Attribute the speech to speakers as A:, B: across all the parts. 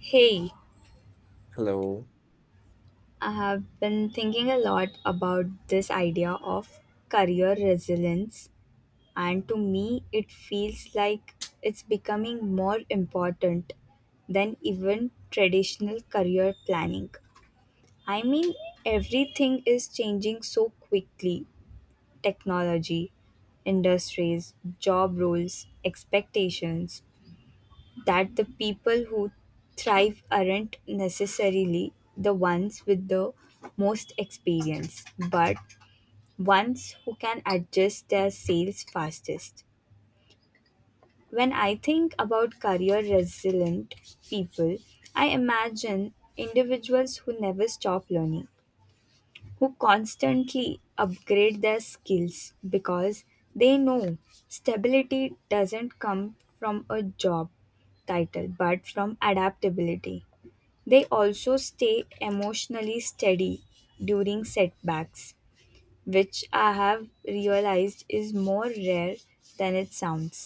A: Hey,
B: Hello.
A: I have been thinking a lot about this idea of career resilience, and to me, it feels like it's becoming more important than even traditional career planning. I mean, everything is changing so quickly — technology, industries, job roles, expectations — that the people who thrive aren't necessarily the ones with the most experience, but ones who can adjust their sales fastest. When I think about career resilient people, I imagine individuals who never stop learning, who constantly upgrade their skills because they know stability doesn't come from a job title but from adaptability. They also stay emotionally steady during setbacks, which I have realized is more rare than it sounds.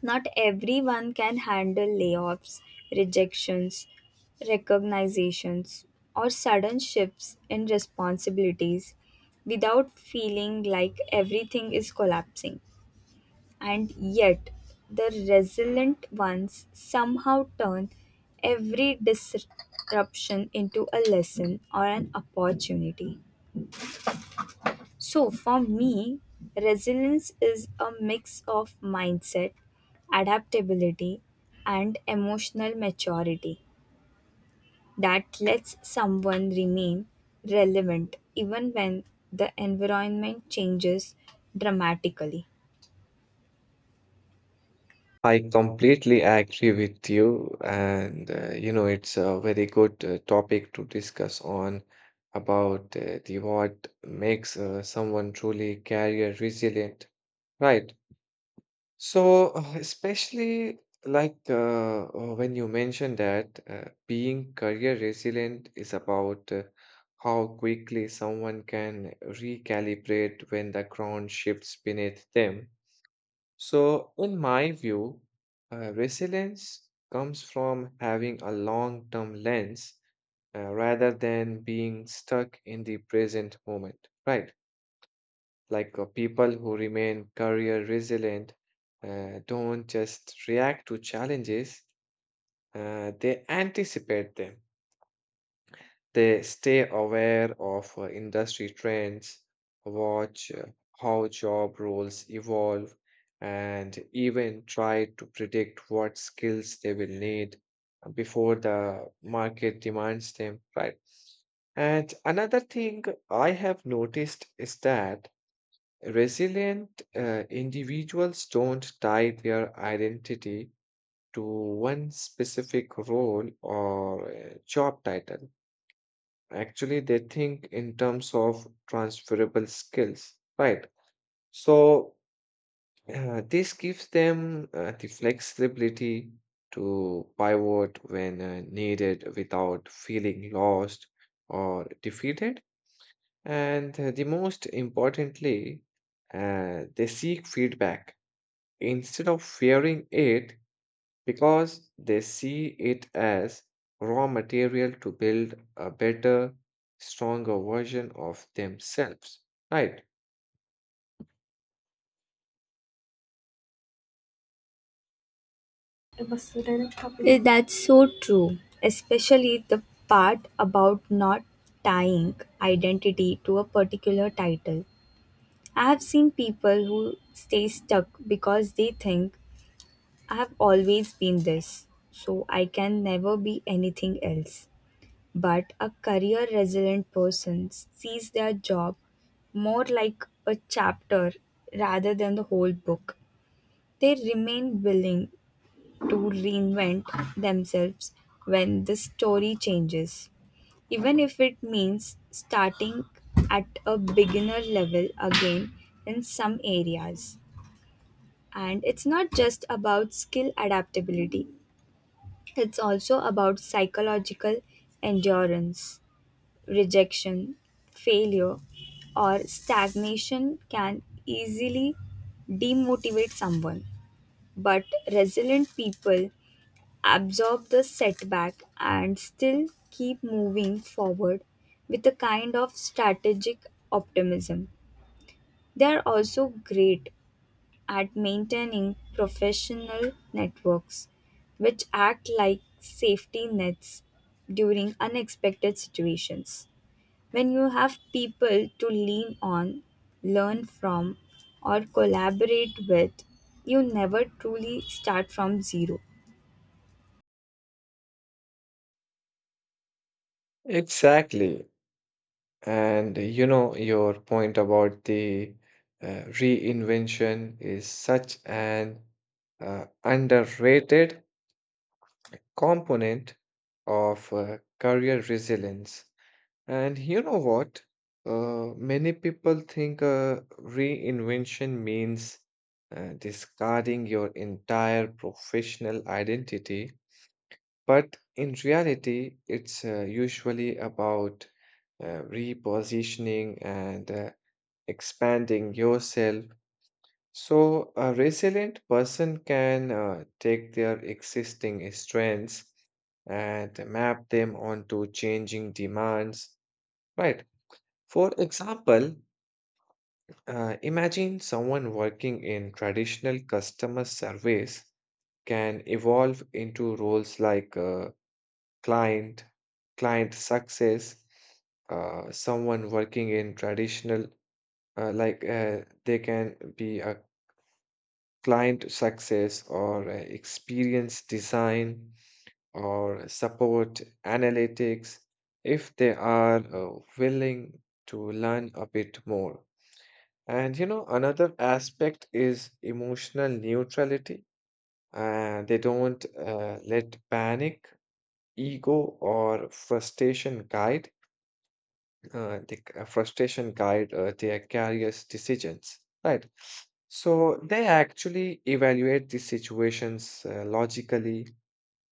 A: Not everyone can handle layoffs, rejections, recognitions, or sudden shifts in responsibilities without feeling like everything is collapsing. And yet, the resilient ones somehow turn every disruption into a lesson or an opportunity. So, for me, resilience is a mix of mindset, adaptability, and emotional maturity that lets someone remain relevant even when the environment changes dramatically.
B: I completely agree with you. And, it's a very good topic to discuss on about the what makes someone truly career resilient, right? So, especially when you mentioned that being career resilient is about how quickly someone can recalibrate when the ground shifts beneath them. So, in my view, resilience comes from having a long term lens rather than being stuck in the present moment, right? People who remain career resilient don't just react to challenges, they anticipate them. They stay aware of industry trends, watch how job roles evolve, and even try to predict what skills they will need before the market demands them, right? And another thing I have noticed is that resilient individuals don't tie their identity to one specific role or job title. Actually, they think in terms of transferable skills, right? So, this gives them the flexibility to pivot when needed without feeling lost or defeated. And the most importantly, they seek feedback. Instead of fearing it, because they see it as raw material to build a better, stronger version of themselves, right?
A: It was the direct copy. That's so true, especially the part about not tying identity to a particular title. I have seen people who stay stuck because they think, I have always been this, so I can never be anything else. But a career resilient person sees their job more like a chapter rather than the whole book. They remain willing to reinvent themselves when the story changes, even if it means starting at a beginner level again in some areas. And it's not just about skill adaptability, it's also about psychological endurance. Rejection, failure, or stagnation can easily demotivate someone. But resilient people absorb the setback and still keep moving forward with a kind of strategic optimism. They are also great at maintaining professional networks, which act like safety nets during unexpected situations. When you have people to lean on, learn from, or collaborate with, you never truly start from zero.
B: Exactly. And you know, your point about the reinvention is such an underrated component of career resilience. And you know what? Many people think reinvention means discarding your entire professional identity, but in reality, it's usually about repositioning and expanding yourself. So, a resilient person can take their existing strengths and map them onto changing demands, right? For example, imagine someone working in traditional customer service can evolve into roles like client, client success, someone working in traditional, like they can be a client success or experience design or support analytics if they are willing to learn a bit more. And you know, another aspect is emotional neutrality. They don't let panic, ego, or frustration guide their career's decisions, right? So they actually evaluate the situations logically,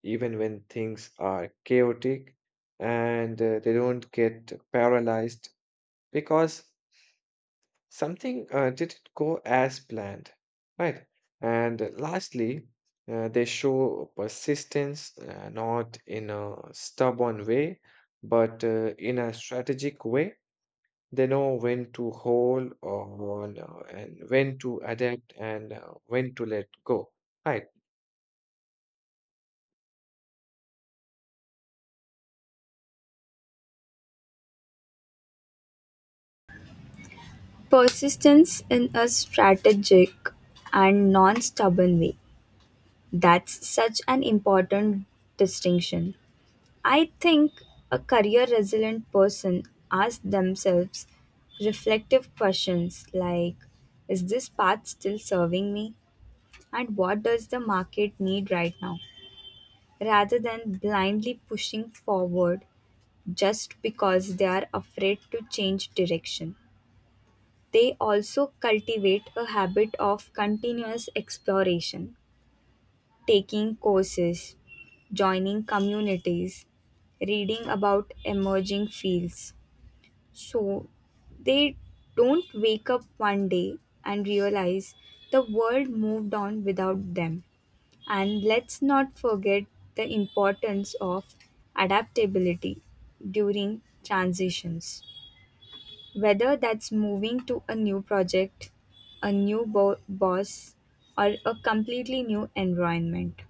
B: even when things are chaotic, and they don't get paralyzed because something didn't go as planned, right? And lastly, they show persistence not in a stubborn way, but in a strategic way. They know when to hold or and when to adapt and when to let go. Right.
A: Persistence in a strategic and non stubborn way. That's such an important distinction. I think a career resilient person asks themselves reflective questions like, is this path still serving me? And what does the market need right now? Rather than blindly pushing forward just because they are afraid to change direction. They also cultivate a habit of continuous exploration, taking courses, joining communities, reading about emerging fields. So they don't wake up one day and realize the world moved on without them. And let's not forget the importance of adaptability during transitions, whether that's moving to a new project, a new boss, or a completely new environment.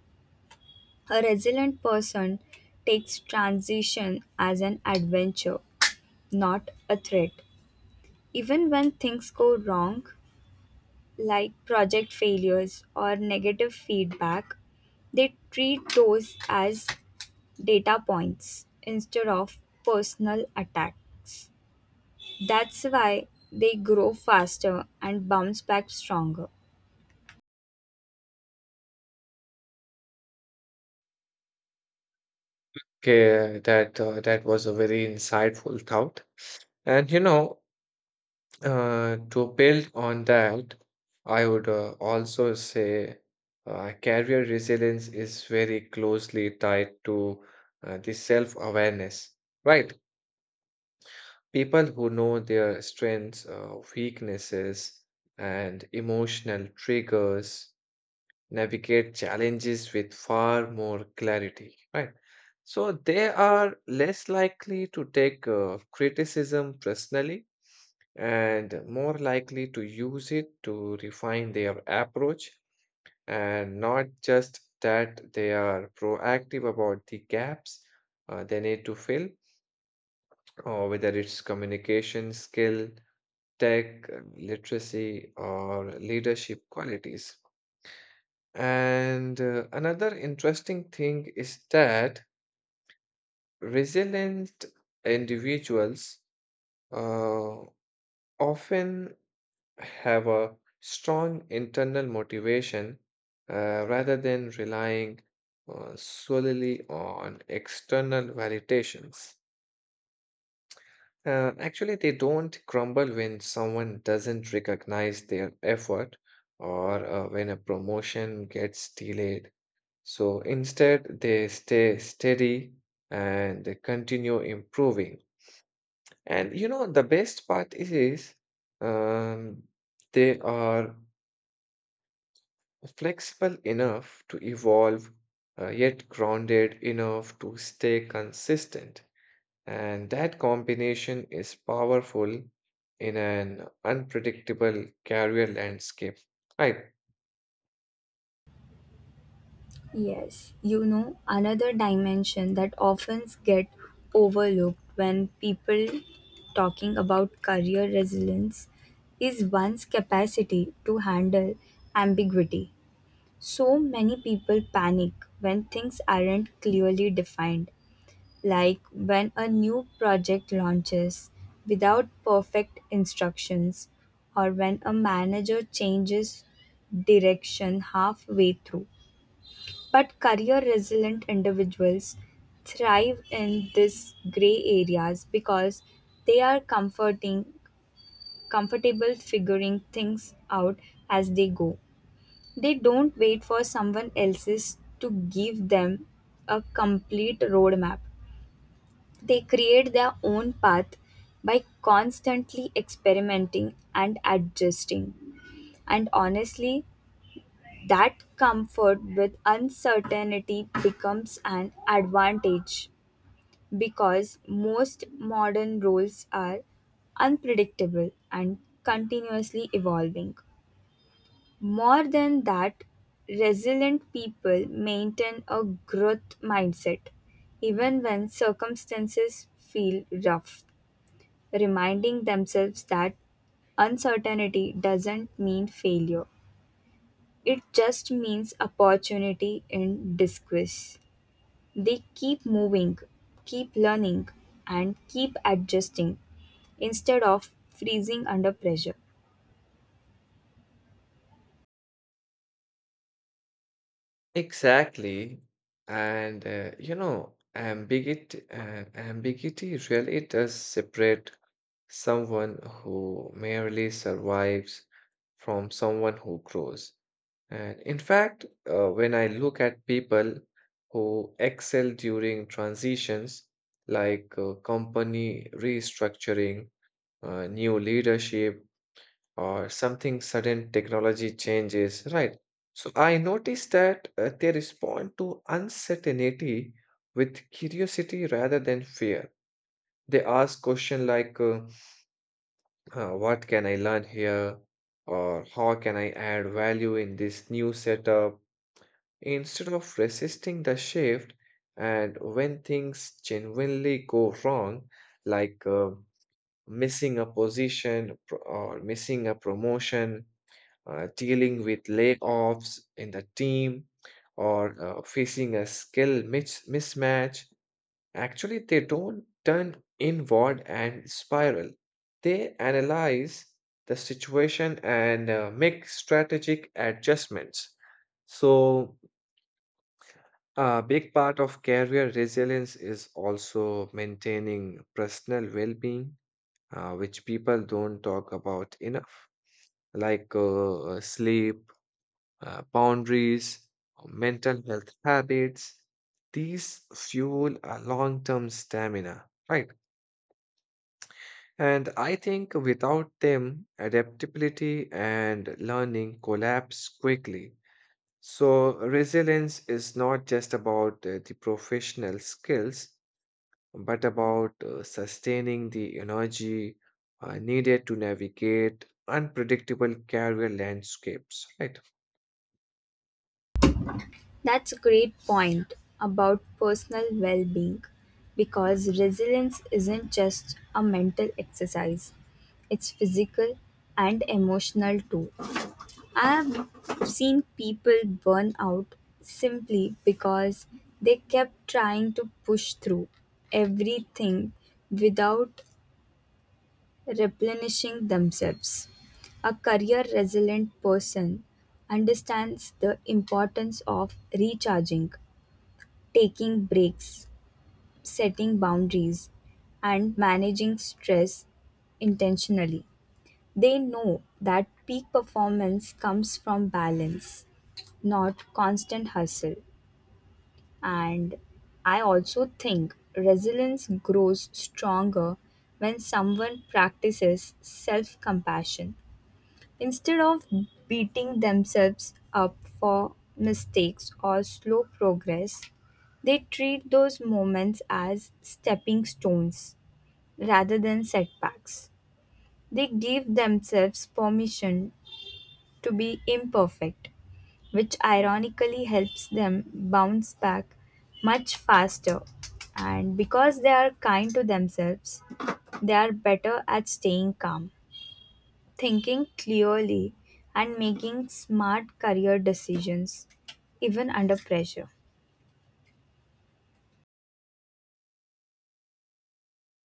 A: A resilient person takes transition as an adventure, not a threat. Even when things go wrong, like project failures or negative feedback, they treat those as data points instead of personal attacks. That's why they grow faster and bounce back stronger.
B: Okay, that was a very insightful thought. And you know, to build on that, I would also say career resilience is very closely tied to the self-awareness, right? People who know their strengths, weaknesses, and emotional triggers navigate challenges with far more clarity, right? So they are less likely to take criticism personally and more likely to use it to refine their approach, and not just that, they are proactive about the gaps they need to fill, or whether it's communication skill, tech literacy, or leadership qualities. And another interesting thing is that resilient individuals uh, often have a strong internal motivation rather than relying solely on external validations. Actually, they don't crumble when someone doesn't recognize their effort or when a promotion gets delayed. So instead, they stay steady and they continue improving. And you know, the best part is um, they are flexible enough to evolve, yet grounded enough to stay consistent. And that combination is powerful in an unpredictable career landscape. I...
A: Yes, you know, another dimension that often get overlooked when people talking about career resilience is one's capacity to handle ambiguity. So many people panic when things aren't clearly defined, like when a new project launches without perfect instructions, or when a manager changes direction halfway through. But career resilient individuals thrive in these gray areas because they are comforting comfortable figuring things out as they go. They don't wait for someone else's to give them a complete roadmap. They create their own path by constantly experimenting and adjusting. And honestly, that comfort with uncertainty becomes an advantage because most modern roles are unpredictable and continuously evolving. More than that, resilient people maintain a growth mindset even when circumstances feel rough, reminding themselves that uncertainty doesn't mean failure. It just means opportunity in disguise. They keep moving, keep learning, and keep adjusting instead of freezing under pressure.
B: Exactly. And you know, ambiguity really does separate someone who merely survives from someone who grows. And in fact, when I look at people who excel during transitions like company restructuring, new leadership, or something sudden technology changes, right? So I notice that they respond to uncertainty with curiosity rather than fear. They ask questions like, what can I learn here? Or how can I add value in this new setup? Instead of resisting the shift, and when things genuinely go wrong, like missing a promotion, dealing with layoffs in the team or facing a skill mismatch, actually, they don't turn inward and spiral. They analyze the situation and make strategic adjustments. So, a big part of career resilience is also maintaining personal well being, which people don't talk about enough, like sleep, boundaries, or mental health habits. These fuel a long term stamina, right? And I think without them, adaptability and learning collapse quickly. So, resilience is not just about the professional skills, but about sustaining the energy needed to navigate unpredictable career landscapes, right?
A: That's a great point about personal well being, because resilience isn't just a mental exercise, it's physical and emotional too. I've seen people burn out simply because they kept trying to push through everything without replenishing themselves. A career resilient person understands the importance of recharging, taking breaks, setting boundaries, and managing stress intentionally. They know that peak performance comes from balance, not constant hustle. And I also think resilience grows stronger when someone practices self compassion. Instead of beating themselves up for mistakes or slow progress, they treat those moments as stepping stones rather than setbacks. They give themselves permission to be imperfect, which ironically helps them bounce back much faster. And because they are kind to themselves, they are better at staying calm, thinking clearly, and making smart career decisions, even under pressure.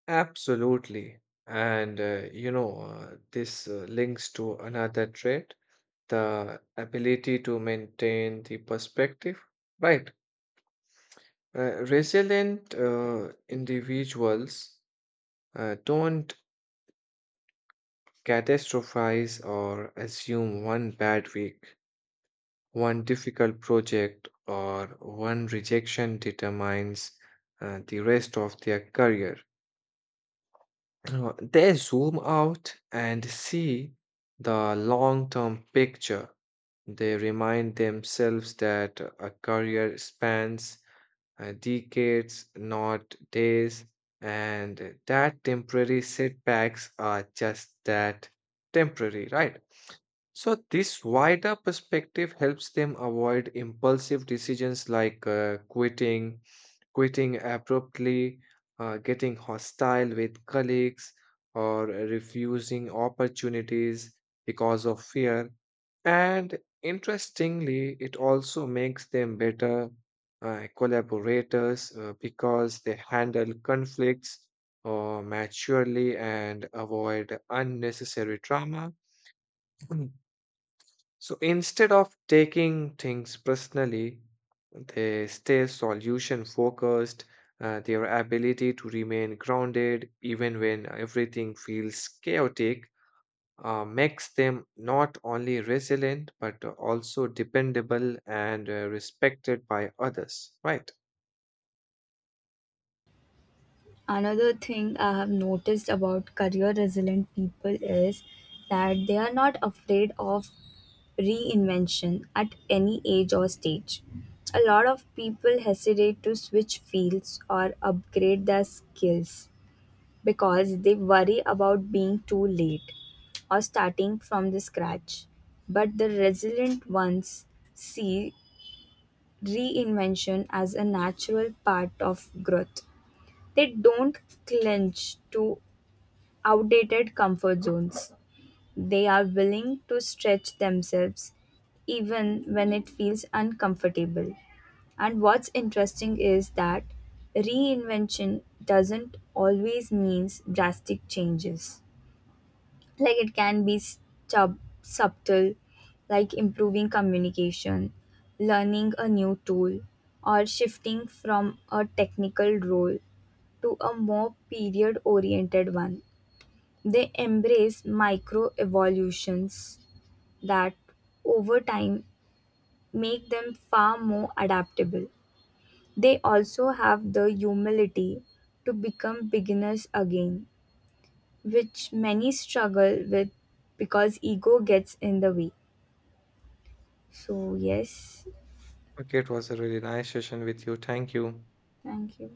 B: Absolutely. And you know, this links to another trait, the ability to maintain the perspective, right? Resilient individuals don't catastrophize or assume one bad week, one difficult project, or one rejection determines the rest of their career. They zoom out and see the long term picture. They remind themselves that a career spans decades, not days, and that temporary setbacks are just that, temporary, right? So, this wider perspective helps them avoid impulsive decisions like quitting abruptly, getting hostile with colleagues, or refusing opportunities because of fear. And interestingly, it also makes them better collaborators because they handle conflicts maturely and avoid unnecessary drama. So instead of taking things personally, they stay solution focused. Their ability to remain grounded even when everything feels chaotic makes them not only resilient but also dependable and respected by others. Right.
A: Another thing I have noticed about career resilient people is that they are not afraid of reinvention at any age or stage. A lot of people hesitate to switch fields or upgrade their skills because they worry about being too late or starting from the scratch. But the resilient ones see reinvention as a natural part of growth. They don't clinch to outdated comfort zones. They are willing to stretch themselves even when it feels uncomfortable. And what's interesting is that reinvention doesn't always mean drastic changes. Like it can be subtle, like improving communication, learning a new tool, or shifting from a technical role to a more period oriented one. They embrace micro-evolutions that, over time, make them far more adaptable. They also have the humility to become beginners again, which many struggle with because ego gets in the way. So, yes,
B: Okay, it was a really nice session with you. Thank you.
A: thank you.